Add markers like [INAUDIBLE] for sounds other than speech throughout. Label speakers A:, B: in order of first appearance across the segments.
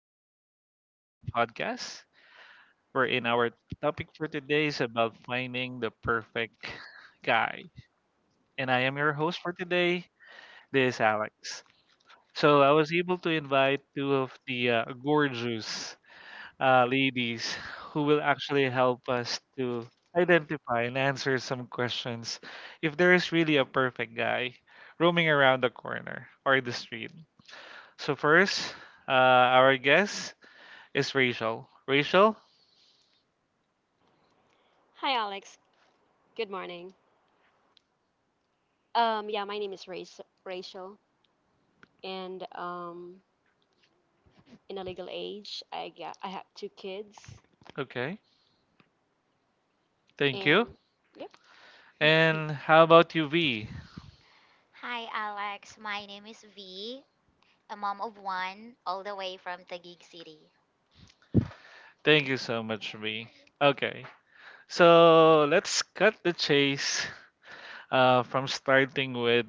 A: Welcome to our podcast. We're in our topic for today is about finding the perfect guy. And I am your host for today. This is Alex. So I was able to invite two of the gorgeous ladies who will actually help us to identify and answer some questions if there is really a perfect guy roaming around the corner or the street. So first, our guest, it's Rachel. Rachel?
B: Hi, Alex. Good morning. Yeah, my name is Rachel, and in a legal age, I have two kids,
A: Okay. Thank
B: and
A: you.
B: yep.
A: And how about you, V?
C: Hi, Alex. My name is V, a mom of one, all the way from Taguig City.
A: Thank you so much, V. Okay. So let's cut the chase, from starting with,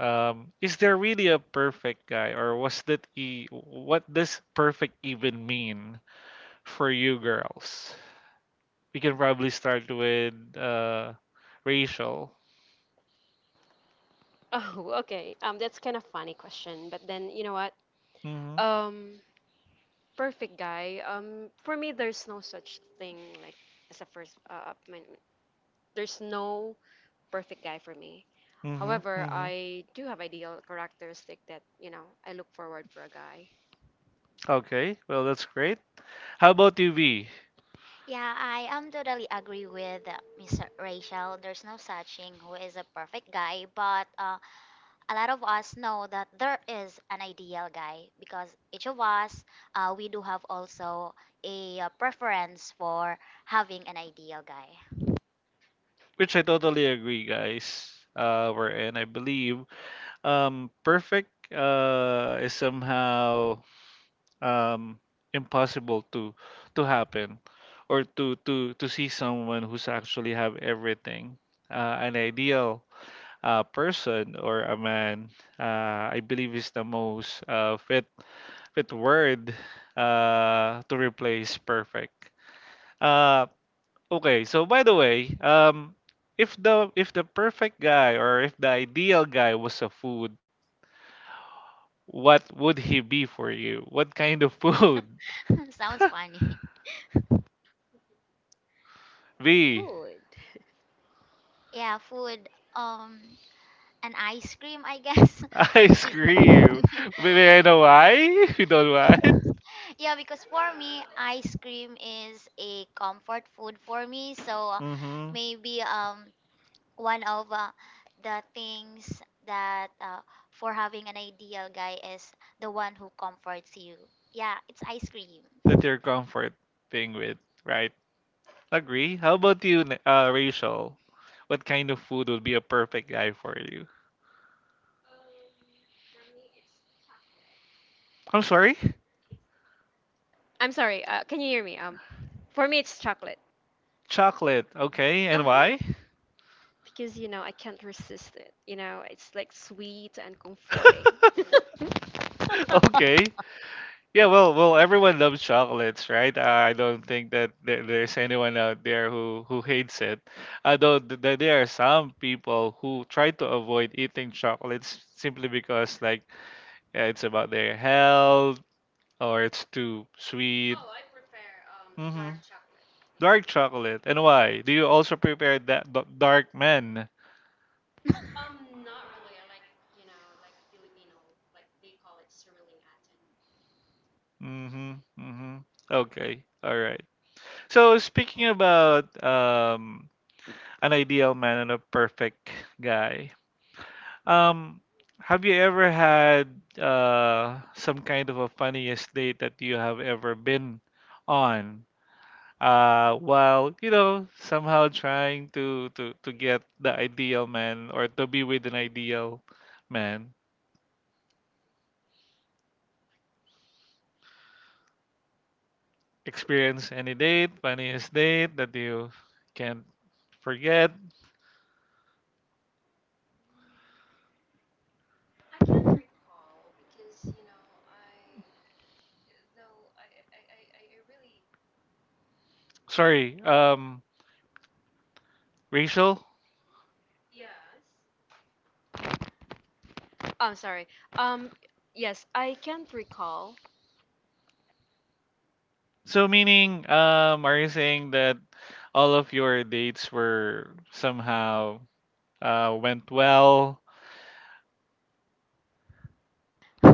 A: is there really a perfect guy, or what does perfect even mean for you girls? We can probably start with Rachel.
B: [LAUGHS] Oh, okay. That's kind of funny question, but then you know what?
A: Mm-hmm.
B: Um, Perfect guy. For me, there's no such thing as a first There's no perfect guy for me.
A: Mm-hmm.
B: However,
A: Mm-hmm.
B: I do have ideal characteristic that you know I look forward for a guy.
A: Okay, well that's great. How about you, V?
C: Yeah, I am totally agree with Miss Rachel. There's no such thing who is a perfect guy, but a lot of us know that there is an ideal guy because each of us, we do have also a preference for having an ideal guy.
A: Which I totally agree, guys. We're in. I believe perfect is somehow, um, impossible to happen, or to see someone who's actually have everything. An ideal person or a man, I believe, is the most fit word to replace perfect. Uh, Okay, so by the way, if the perfect guy, or if the ideal guy was a food, what would he be for you? What kind of food?
C: [LAUGHS] Sounds
A: [LAUGHS]
C: funny.
A: B.
B: Food.
C: Yeah, food, um, an ice cream, I guess. [LAUGHS]
A: Ice
C: Ye-
A: cream. Maybe I know why. [LAUGHS] You don't want.
C: [LAUGHS] Yeah, because for me, ice cream is a comfort food for me. So uh,
A: Mm-hmm.
C: maybe um one of the things that for having an ideal guy is the one who comforts you. Yeah, it's ice cream.
A: That you're comfort being with, right? Agree. How about you, Rachel? What kind of food would be a perfect guy for you? I'm sorry.
B: I'm sorry. Can you hear me? For me, it's chocolate.
A: Chocolate. Okay,
B: Uh
A: and why?
B: huh. Because you know I can't resist it. You know it's like sweet and comforting. [LAUGHS]
A: [LAUGHS] Okay. Yeah, well, everyone loves chocolates, right? I don't think that there's anyone out there who hates it. Although there are some people who try to avoid eating chocolates simply because like yeah, it's about their health or it's too
B: Oh, I I I I
A: sweet.
B: I I I I prefer
A: Hmm.
B: dark chocolate. You know,
A: Dark chocolate. And why? Do you also prepare that dark men?
C: [LAUGHS]
B: Not can't really like, like like you know, Filipino, like they call it sariling atin.
A: Mm-hmm. Mm-hmm. Okay. All right. So speaking about, an ideal man and a perfect guy, um, have you ever had some kind of a funniest date that you have ever been on? While you know somehow trying to, to get the ideal man or to be with an ideal man. Experience any date, funniest date that you can't forget.
B: I can't recall because you know I I really
A: Sorry, Rachel,
B: yes. I'm sorry. Um, yes, I can't recall
A: so meaning, are you saying that all of your dates were somehow, went well,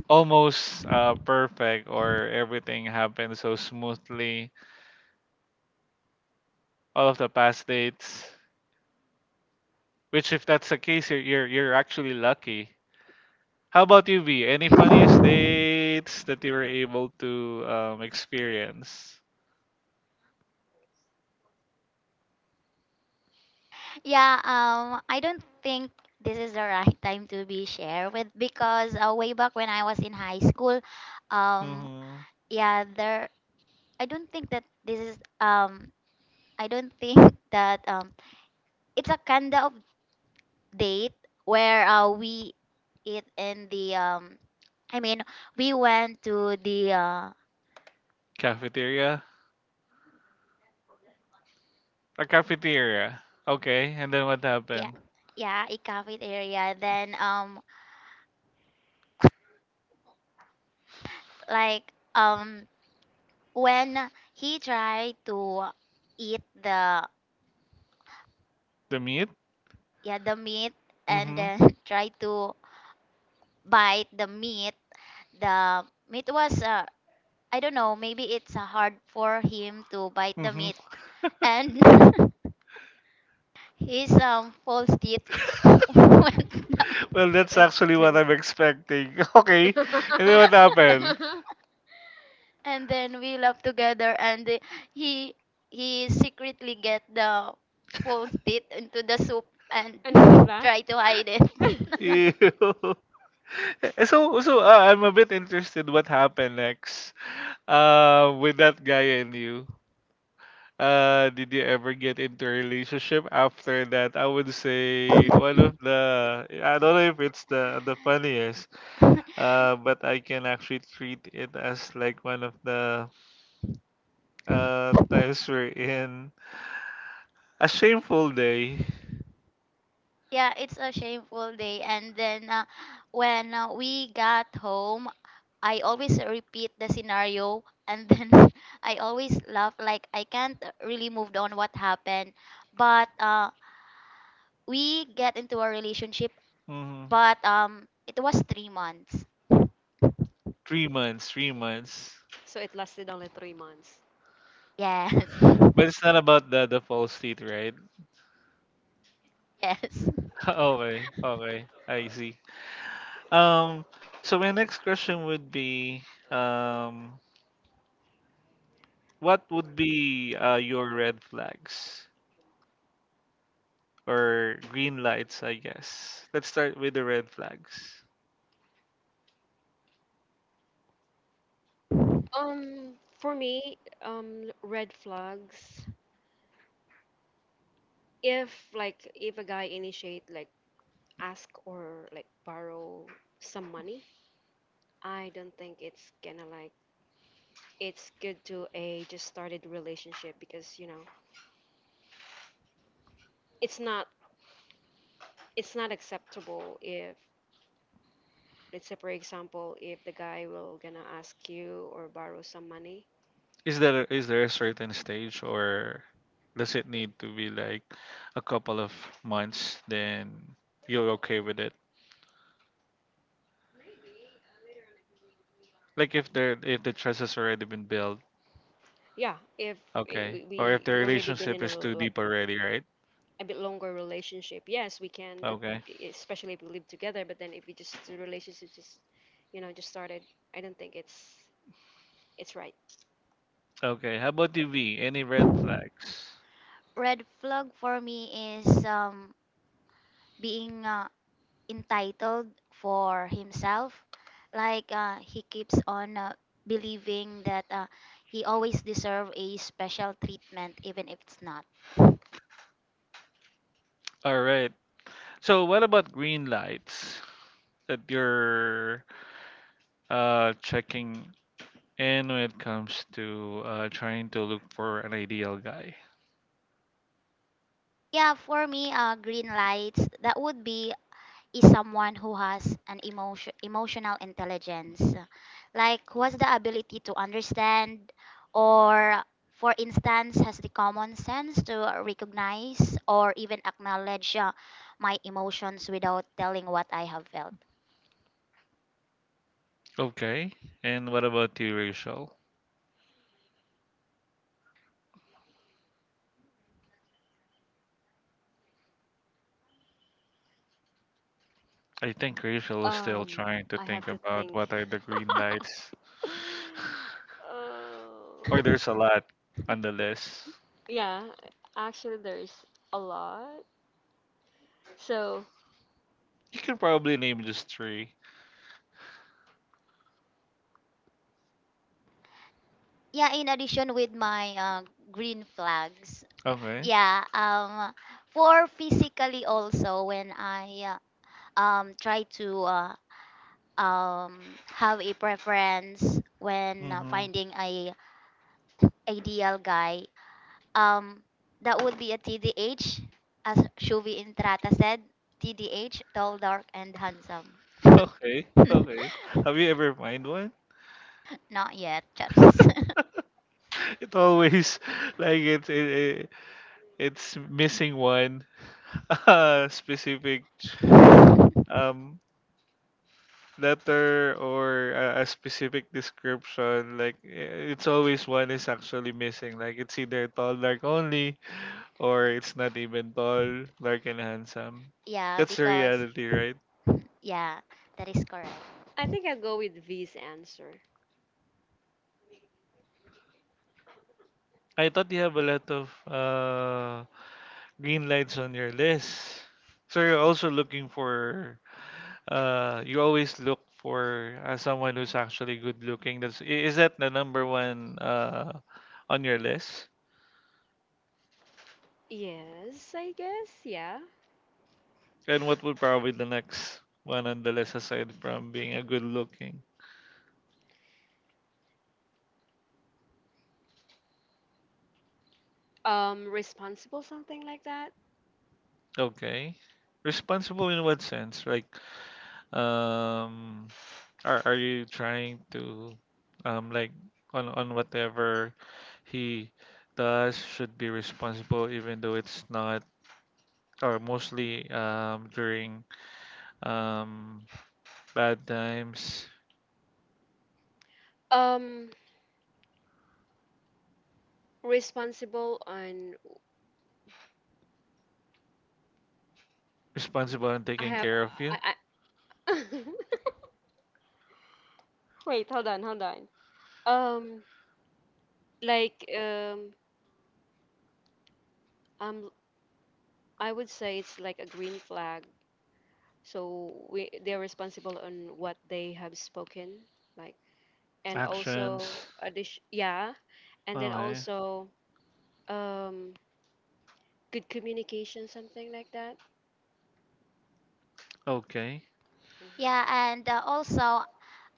A: almost perfect, or everything happened so smoothly? All of the past dates, which if that's the case, you're actually lucky. How about you, V? Any funniest dates that you were able to experience?
C: Yeah, I don't think this is the right time to be shared with because way back when I was in high school, um,
A: Mm-hmm.
C: yeah, there. I don't think that this is. I don't think [LAUGHS] that it's a kind of date where we eat in the I mean we went to the
A: Cafeteria? A cafeteria. Okay, and then what
C: yeah,
A: happened?
C: yeah, a cafeteria then like when he tried to eat the
A: The meat?
C: yeah, the meat and then [LAUGHS] try to bite the meat was I don't know, maybe it's hard for him to bite the
A: Hmm.
C: meat and [LAUGHS] his false
A: [LAUGHS]
C: teeth [LAUGHS] went down,
A: Well,
B: let
A: that's
B: That's
A: actually what
B: kind
A: I'm expecting. [LAUGHS] Okay.
B: [LAUGHS] [LAUGHS]
A: And then what happened?
C: and then we laughed together. And he he secretly get the false teeth into the soup and
B: and put it
C: [LAUGHS]
B: back.
C: try to hide it.
B: [LAUGHS] [LAUGHS]
A: Ew. [LAUGHS] So, I'm a bit interested what happened next with that guy and you. Did you ever get into a relationship after that? I would say one of
C: [LAUGHS]
A: the, I don't know if it's the funniest. But I can actually treat it as like one of the times we're in a shameful day.
C: Yeah, it's a shameful day. And then when we got home, I always repeat the scenario and then [LAUGHS] I always laugh like I can't really move on what happened. But we get into a relationship,
A: Hmm.
C: but it was 3 months.
A: 3 months, 3 months.
B: So it lasted only three months.
C: Yes,
A: But it's not about the false teeth, right?
C: [LAUGHS] yes.
A: [LAUGHS] Okay, okay, I see. Um, so my next question would be, um, what would be your red flags, or green lights, I guess? Let's start with the red flags.
B: Um, for me, red flags. If like if a guy initiate like ask or like borrow some money, I don't think it's gonna like it's good to a just started relationship because you know it's not it's not acceptable if let's say for example if the guy will gonna ask you or borrow some money.
A: Is there a certain stage, or does it need to be like a couple of months, then you're okay with it? Like if there, if the trust has already been built,
B: Yeah, if
A: okay. Or if
B: we
A: the
B: already been
A: relationship
B: in a
A: is too
B: like
A: deep already, right?
B: a bit longer relationship, yes, we can. But
A: Okay.
B: especially if we live together. But then if we just the relationship just, you know, just started, I don't think it's right.
A: Okay. How about you, V? Any red flags?
C: Red flag for me is being entitled for himself. Like he keeps on believing that he always deserve a special treatment, even if it's not.
A: All right. So what about green lights that you're checking in when it comes to trying to look for an ideal guy?
C: Yeah, for me, green lights. That would be is someone who has an emotional intelligence, like who has the ability to understand, or for instance, has the common sense to recognize or even acknowledge my emotions without telling what I have felt.
A: Okay. And what about you, Rachel? I think Rachel is still
B: Um,
A: trying to
B: I have
A: think
B: to
A: about
B: think.
A: what are the green lights.
B: [SIGHS]
A: [LAUGHS]
B: [LAUGHS] uh,
A: Or there's a lot on the list.
B: yeah, actually, there's a lot. So
A: You can probably name just three.
C: Yeah, in addition with my green flags.
A: Okay.
C: Yeah, for physically also when I try to um, have a preference when
A: Mm-hmm.
C: finding a ideal guy, um, that would be a TDH, as Shuvi Intrata said, TDH, tall, dark, and handsome. [LAUGHS]
A: [LAUGHS] Okay. Okay. Have you ever mind one?
C: Not yet, Charis.
A: [LAUGHS] It always [LAUGHS] like it's missing one, [LAUGHS] specific,
C: [LAUGHS]
A: um letter, or a specific description like it's always one is actually missing, like it's either tall dark only, or it's not even tall dark and handsome.
C: Yeah,
A: That's the
C: because
A: reality, right?
C: yeah, that is correct.
B: I think I'll go with V's answer.
A: I thought you have a lot of green lights on your list, so you're also looking for, you always look for someone who's actually good looking. That's, is that the number one on your list?
B: Yes, I guess. Yeah.
A: And what would probably the next one on the list, aside from being a good looking?
B: Responsible, something like that.
A: Okay. Responsible in what sense? Like, um, are you trying to, like on whatever he does should be responsible, even though it's not, or mostly during um bad times,
B: Um, responsible on
A: responsible and
B: I
A: taking
B: have
A: care of you,
B: I, I [LAUGHS] wait, hold on, hold on. Um like um um I would say it's like a green flag. So we they're responsible on what they have spoken, like and also
A: actions.
B: addition yeah, and then
A: Okay.
B: also um good communication, something like that.
A: Okay.
B: Mhm.
C: Yeah, and also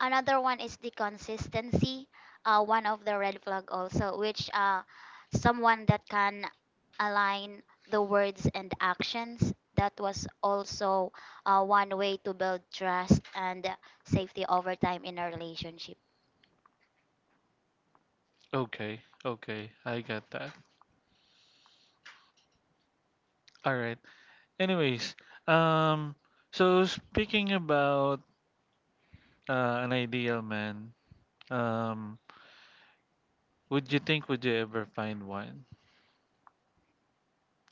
C: another one is the consistency. One of the red flag also, which someone that can align the words and actions. That was also one way to build trust and safety over time in a relationship.
A: Okay, okay, I got that. All right. Anyways, um, so speaking about an ideal man, um, would you ever find one,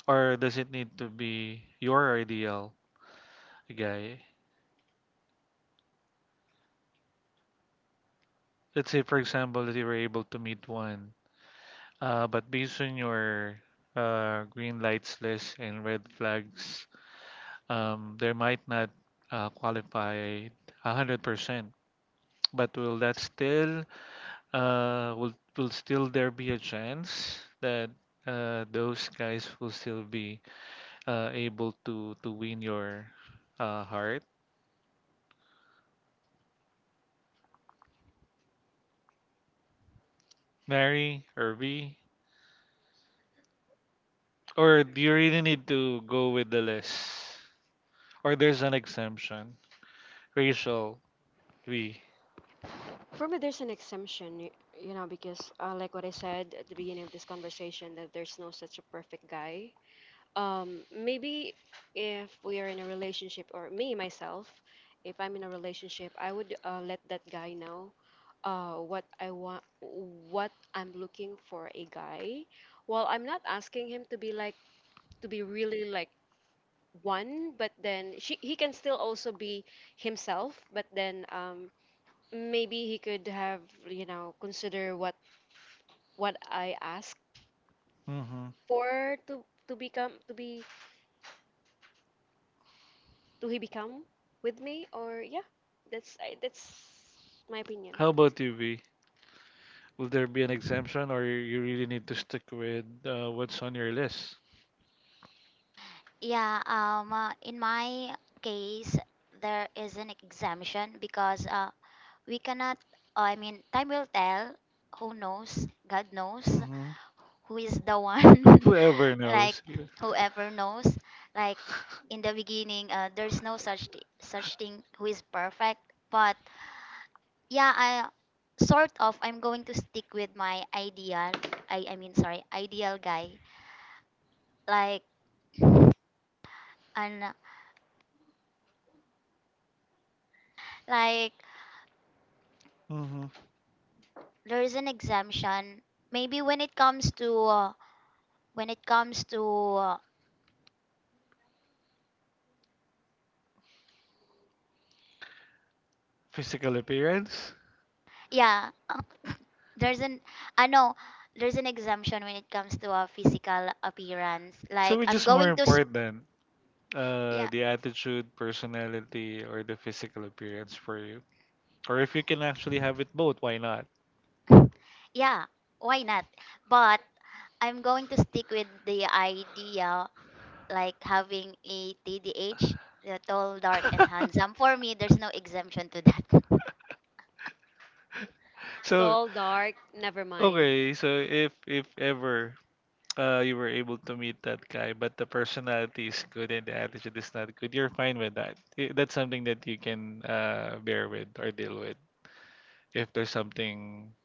A: or does it need to be your ideal guy? Let's say, for example, that you were able to meet one, but based on your green lights list and red flags, they might not qualify 100%. But will that still, will still there be a chance that those guys will still be able to win your heart, Mary, Irby? Or do you really need to go with the list? Or there's an exemption, Rachel, V.
B: For me, there's an exemption, you know, because like what I said at the beginning of this conversation, that there's no such a perfect guy. Maybe if we are in a relationship, or me myself, if I'm in a relationship, I would let that guy know what I want, what I'm looking for a guy. Well, I'm not asking him to be to be really like one, but then he can still also be himself, but then maybe he could have you know consider what I ask
A: Mm-hmm.
B: for to become to he become with me or yeah that's my opinion.
A: How about you, V? Will there be an exemption, or you really need to stick with what's on your list?
C: Yeah, in my case, there is an exemption because we cannot, I mean, time will tell. Who knows? God knows.
A: Mm-hmm.
C: Who is the one
A: Whoever
C: [LAUGHS] like
A: knows.
C: whoever knows like in the beginning there's no such such thing who is perfect, but yeah, I sort of I'm going to stick with my ideal, I mean, sorry, ideal guy, like and like
A: Mm-hmm.
C: there's an exemption maybe when it comes to when it comes to uh,
A: Physical appearance?
C: yeah [LAUGHS] there's an I know there's an exemption when it comes to a physical appearance
A: So
C: like
A: which
C: I'm
A: is more
C: going to s-
A: important,
C: yeah,
A: the attitude, personality, or the physical appearance for you? Or if you can actually have it both, why not?
C: yeah, why not, but I'm going to stick with the idea like having a TDH, the tall, dark, and handsome.
A: [LAUGHS]
C: For me there's no exemption to that. [LAUGHS]
A: So
B: Tall dark never mind.
A: okay, so if ever, you were able to meet that guy, but the personality is good and the attitude is not good, you're fine with that. That's something that you can bear with or deal with. If there's something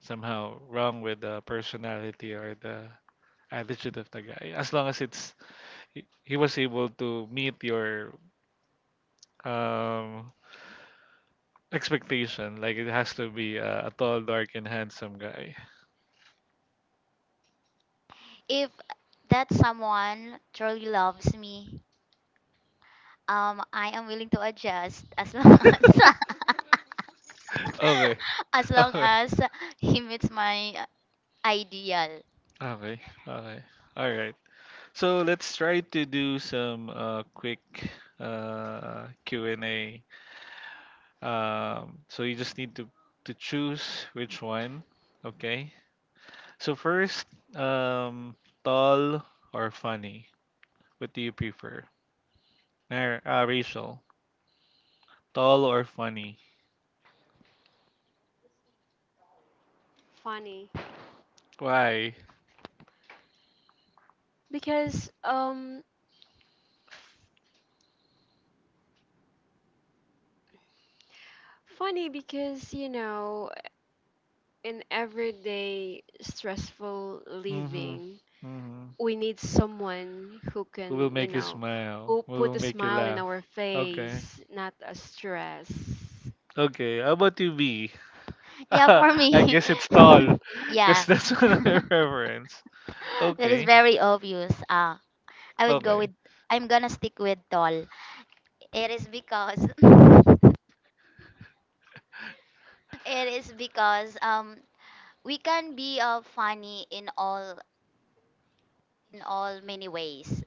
A: somehow wrong with the personality or the attitude of the guy, as long as it's he was able to meet your um expectation, like it has to be a tall dark and handsome guy.
C: If that someone truly loves me, um, I am willing to adjust, as long [LAUGHS]
A: Okay.
C: as long
A: [LAUGHS] Okay,
C: as he meets my ideal.
A: okay, okay, all right. So let's try to do some quick Q&A. So you just need to choose which one. Okay. So first, um tall or funny? What do you prefer? Rachel. Tall or funny?
B: funny
A: Why?
B: because um Funny because you know in everyday stressful
A: Mm-hmm.
B: living
A: Mm-hmm.
B: we need someone who
A: Who will
B: can, you
A: make you
B: know,
A: smile?
B: who
A: Who
B: put
A: will
B: a
A: make you
B: smile in
A: laugh?
B: our
A: Okay.
B: face, not a stress.
A: Okay. How about you, B? [LAUGHS]
C: Yeah, for
A: I
C: me.
A: guess it's tall.
C: [LAUGHS]
A: Because
C: Yeah.
A: that's [LAUGHS] one
C: [LAUGHS]
A: of your preference.
C: That is
A: Okay.
C: very obvious. I would go with
A: Okay.
C: I'm gonna stick with tall. It is because [LAUGHS] it is because we can be funny in all many ways.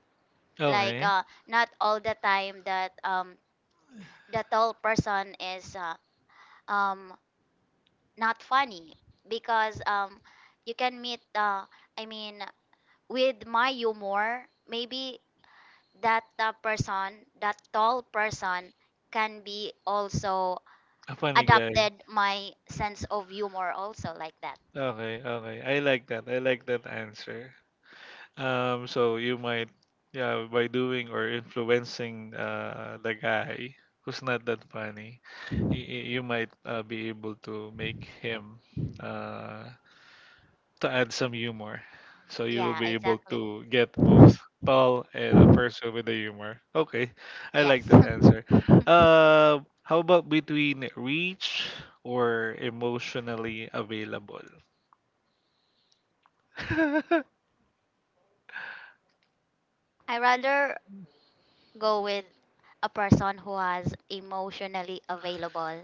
C: Like
A: Okay.
C: uh, not all the time that the tall person is um not funny because you can meet uh, I mean with my humor maybe that person that tall person can be also
A: A funny guy.
C: adopted my sense of humor also like that.
A: Okay. Okay. I like that. I like that answer. So you might, yeah, by doing or influencing the guy who's not that funny, you might be able to make him uh, to add some humor. So you will
C: Yeah,
A: be able
C: exactly.
A: to get both tall and a person with the humor. Okay, I
C: Yes.
A: like that
C: [LAUGHS]
A: answer. How about between reach or emotionally available? [LAUGHS]
C: I rather go with a person who is emotionally available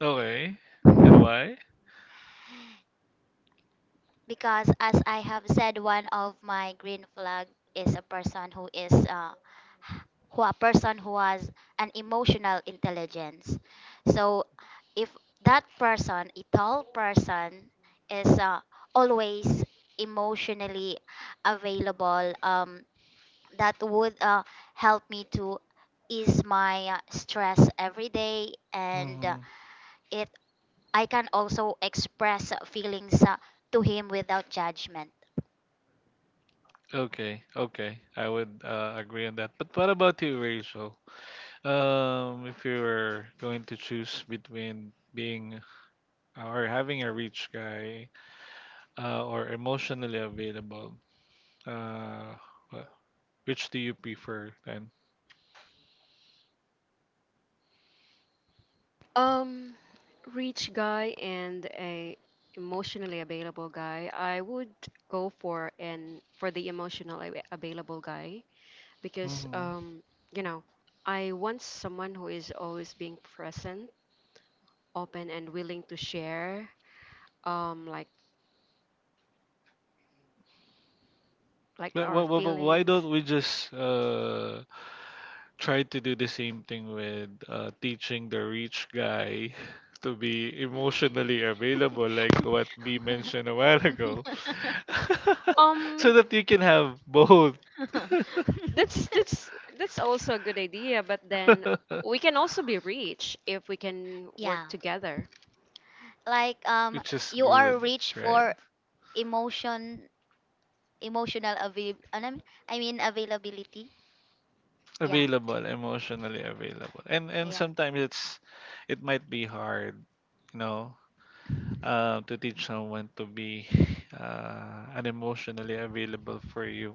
A: Okay, and why?
C: because as I have said, one of my green flag is a person who is who a person who has an emotional intelligence. So if that person, a tall person, is always emotionally available, that would help me to ease my stress every day, and it I can also express feelings to him without judgment.
A: Okay, okay. I would agree on that. But what about you, Rachel? If you were going to choose between being or having a rich guy, or emotionally available, uh, wh- which do you prefer then?
B: Um, rich guy and a emotionally available guy. I would go for an for the available guy because
A: Mm-hmm.
B: you know, I want someone who is always being present, open and willing to share um like like
A: But,
B: our
A: why
B: feelings.
A: don't we just tried to do the same thing with teaching the rich guy [LAUGHS] to be emotionally available, like what we mentioned a while ago, [LAUGHS]
C: [LAUGHS]
A: so
B: Um
A: that you can have both,
B: that's
C: [LAUGHS]
B: that's also a good idea, but then we
A: [LAUGHS]
B: can also be rich if we can
C: Yeah.
B: work together.
C: Like
A: which is
C: you
A: good,
C: are rich
A: right?
C: for emotion emotional avail ano, I mean availability. Yeah,
A: Available, emotionally available, and
C: yeah.
A: sometimes it might be hard. You know. To teach someone to be unemotionally available for you.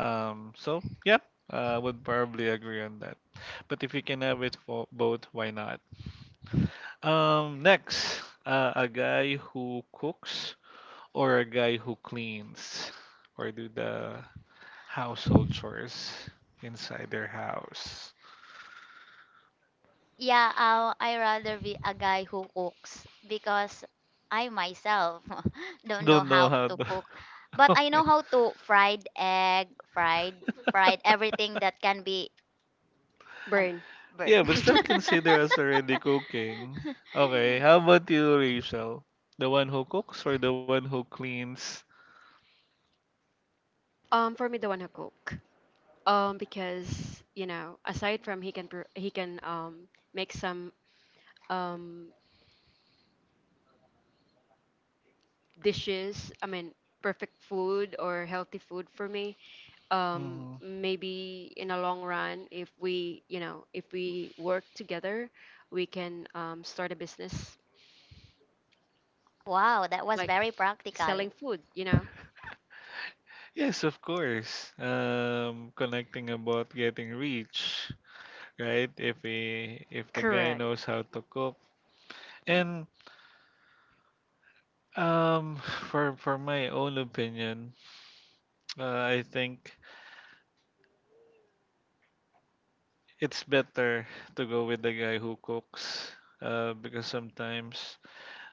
A: So yeah, I would probably agree on that. But if you can have it for both, why not? Next, a guy who cooks, or a guy who cleans or do the household chores inside their house.
C: Yeah, I rather be a guy who cooks because I myself [LAUGHS] don't know
A: Don't know
C: how
A: how
C: to
A: to.
C: cook.
A: [LAUGHS]
C: But I
A: Okay.
C: know how to fried egg, fried everything that can be an-
B: Burn.
A: Yeah, but is that
C: [LAUGHS]
A: considered as already cooking? Okay, how about you, Rachel? The one who cooks or the one who cleans?
B: For me, the one who cook. Because you know, aside from he can make some um dishes. I mean, perfect food or healthy food for me.
A: Mm-hmm.
B: Maybe in a long run, if we you know if we work together, we can start a business
C: Wow, that was
B: like
C: very
B: selling
C: practical.
B: food. You know.
A: Yes, of course. Connecting about getting rich, right? If he, if the guy
B: Correct.
A: knows how to cook, and um, [LAUGHS] [SIGHS] for my own opinion, I think it's better to go with the guy who cooks, because sometimes,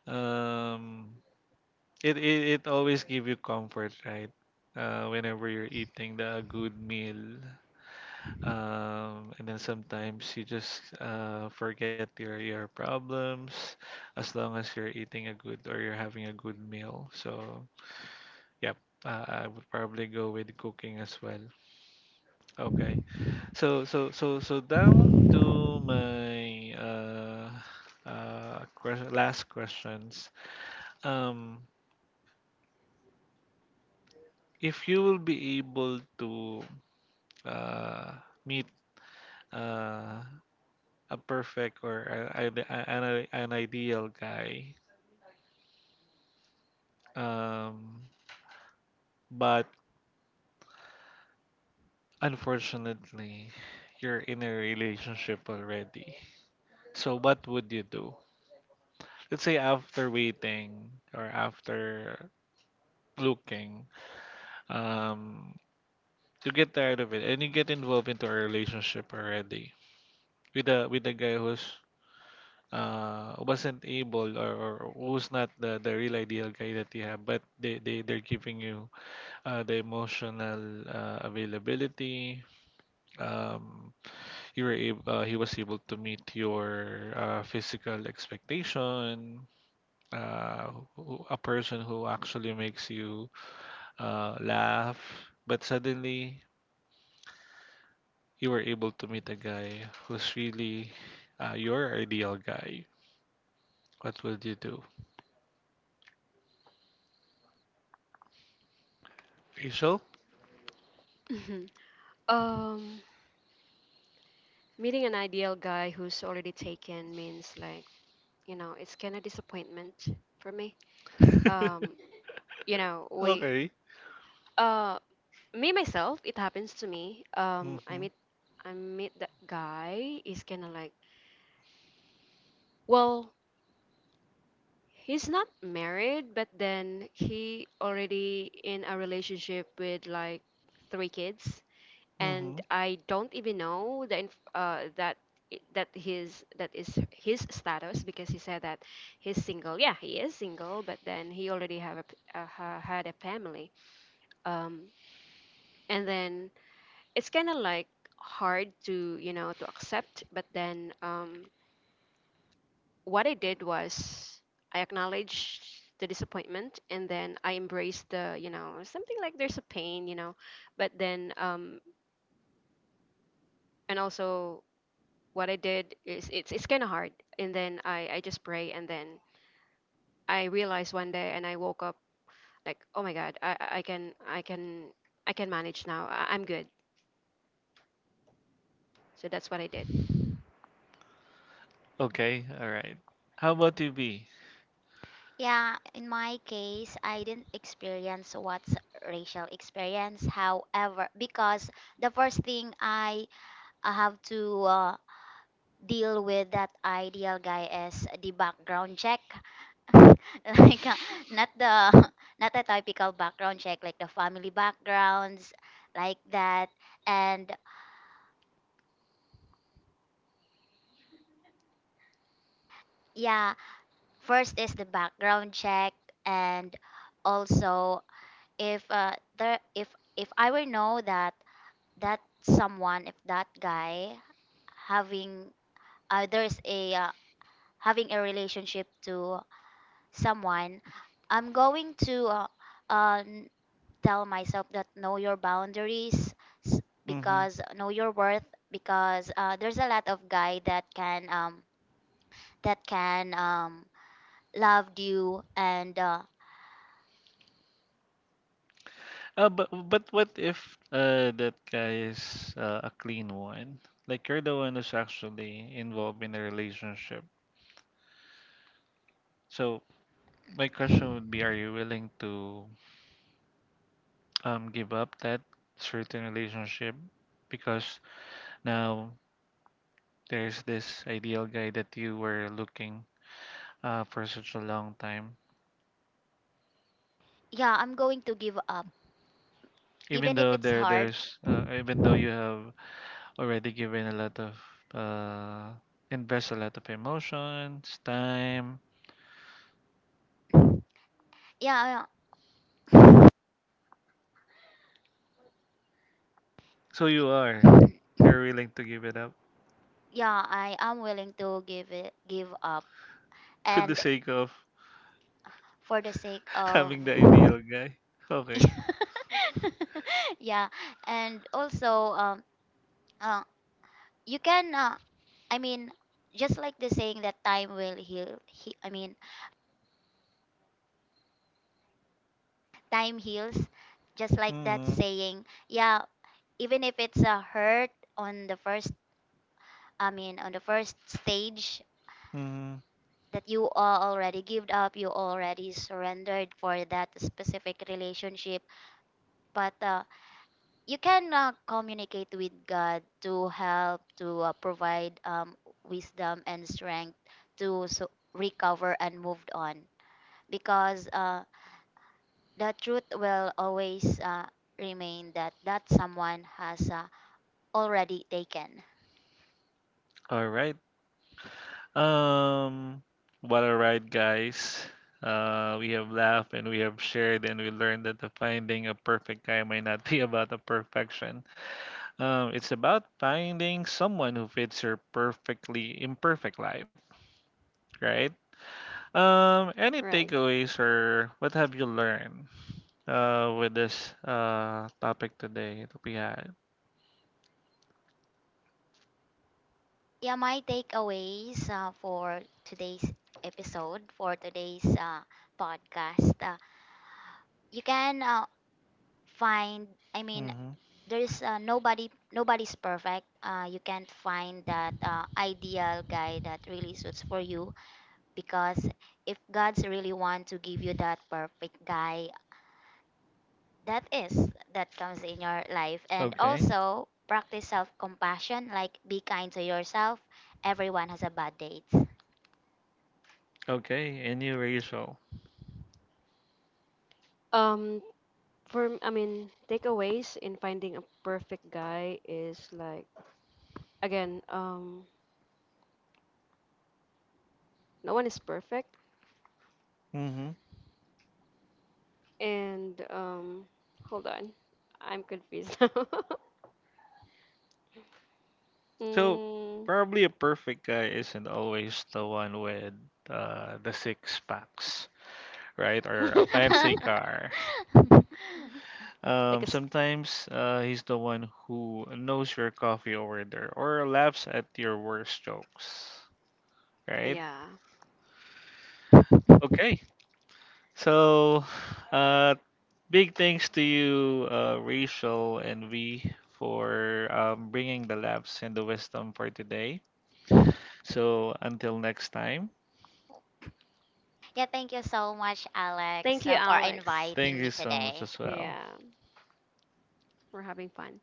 A: um, it always give you comfort, right? Whenever you're eating the good meal, and then sometimes you just forget your problems, as long as you're eating a good, or you're having a good meal. So yep, I would probably go with cooking as well. Okay, so down to my last questions. Um, if you will be able to uh, meet uh, a perfect, or an ideal guy. Um, but unfortunately, you're in a relationship already. So what would you do? Let's say after waiting or after looking, um, you get tired of it and you get involved into a relationship already, with a guy who's wasn't able, or who's not the real ideal guy that you have, but they they're giving you the emotional availability. um he was able to meet your physical expectation. A person who actually makes you laugh, but suddenly you were able to meet a guy who's really your ideal guy. What would you do, Rachel?
B: Mhm. Um, meeting an ideal guy who's already taken means like, you know, it's kind of disappointment for me.
A: [LAUGHS]
B: Um, you know,
A: Okay.
B: uh, me myself, it happens to me. Um, I
A: Mhm.
B: meet, I meet that guy. He's kind of like, well, he's not married, but then he already in a relationship with like three kids, and
A: Mhm.
B: I don't even know the that is his status because he said that he's single. Yeah, he is single, but then he already have a, had a family. Um, and then it's kind of like hard to you know to accept. But then what I did was I acknowledged the disappointment and then I embraced the you know something like there's a pain you know, but then and also what I did is it's kind of hard. And then I just pray, and then I realized one day, and I woke up like, oh my God, I can I can manage now. I'm good. So that's what I did.
A: Okay. All right. How about you, B?
C: Yeah, in my case, I didn't experience what's racial experience. However, because the first thing I have to deal with that ideal guy is the background check. [LAUGHS] Like not the [LAUGHS] not the typical background check like the family backgrounds like that. And yeah, first is the background check, and also if there if I will know that that someone, if that guy having there's a having a relationship to someone, I'm going to uh, n- tell myself that know your boundaries s- because know your worth because there's a lot of guy that can that can um love you and
A: But what if that guy is a clean one? Like you're the one who's actually involved in a relationship. So my question would be, are you willing to give up that certain relationship, because now there's this ideal guy that you were looking for such a long time,
C: yeah, I'm going to give up even if it's hard,
A: even though you have already given a lot of, uh invest a lot of emotions, time.
C: yeah, yeah,
A: So you are. You're willing to give it up
C: yeah, I am willing to give up,
A: [LAUGHS] for the
C: and
A: sake of
C: for the sake
A: [LAUGHS]
C: of
A: having the ideal guy. Okay.
C: [LAUGHS] yeah, and also uh, you can I mean, just like the saying that time will I mean, time heals, just like that
A: Mm-hmm.
C: saying. Yeah, even if it's a hurt on the first, I mean, on the first stage
A: Mm-hmm.
C: that you all already give up, you already surrendered for that specific relationship, but you can communicate with God to help to provide wisdom and strength to recover and move on because the truth will always remain that that someone has already taken.
A: All right. Um, what a ride, guys. We have laughed and we have shared, and we learned that the finding a perfect guy might not be [LAUGHS] about the perfection. It's about finding someone who fits your perfectly imperfect life, right? Any
B: Right.
A: takeaways or what have you learned, with this topic today that we had?
C: Yeah, my takeaways for today's episode for today's podcast. You can find, I mean,
A: Mm-hmm.
C: there's nobody's perfect. You can't find that ideal guy that really suits for you because if god's really want to give you that perfect guy, that is that comes in your life, and
A: Okay,
C: also practice self-compassion, like be kind to yourself. Everyone has a bad date.
A: okay, any Rachel.
B: Um, takeaways in finding a perfect guy is again, um, no one is perfect,
A: Mm-hmm.
B: and hold on, I'm confused [LAUGHS] now.
A: So
B: Mm,
A: probably a perfect guy isn't always the one with the six packs, right? Or
B: [LAUGHS]
A: a fancy
B: like
A: car.
C: [LAUGHS]
B: a s-
A: Sometimes he's the one who knows your coffee order, or laughs at your worst jokes,
B: [LAUGHS]
A: right?
B: yeah.
A: Okay, so uh, big thanks to you, Rachel and V, for bringing the laughs and the wisdom for today. So until next time,
C: Yeah, thank you so much,
B: Thank
C: Alex,
B: you,
C: for
B: Alex.
A: thank
C: inviting me
A: you so much
C: today.
A: as well.
B: Yeah, we're having fun.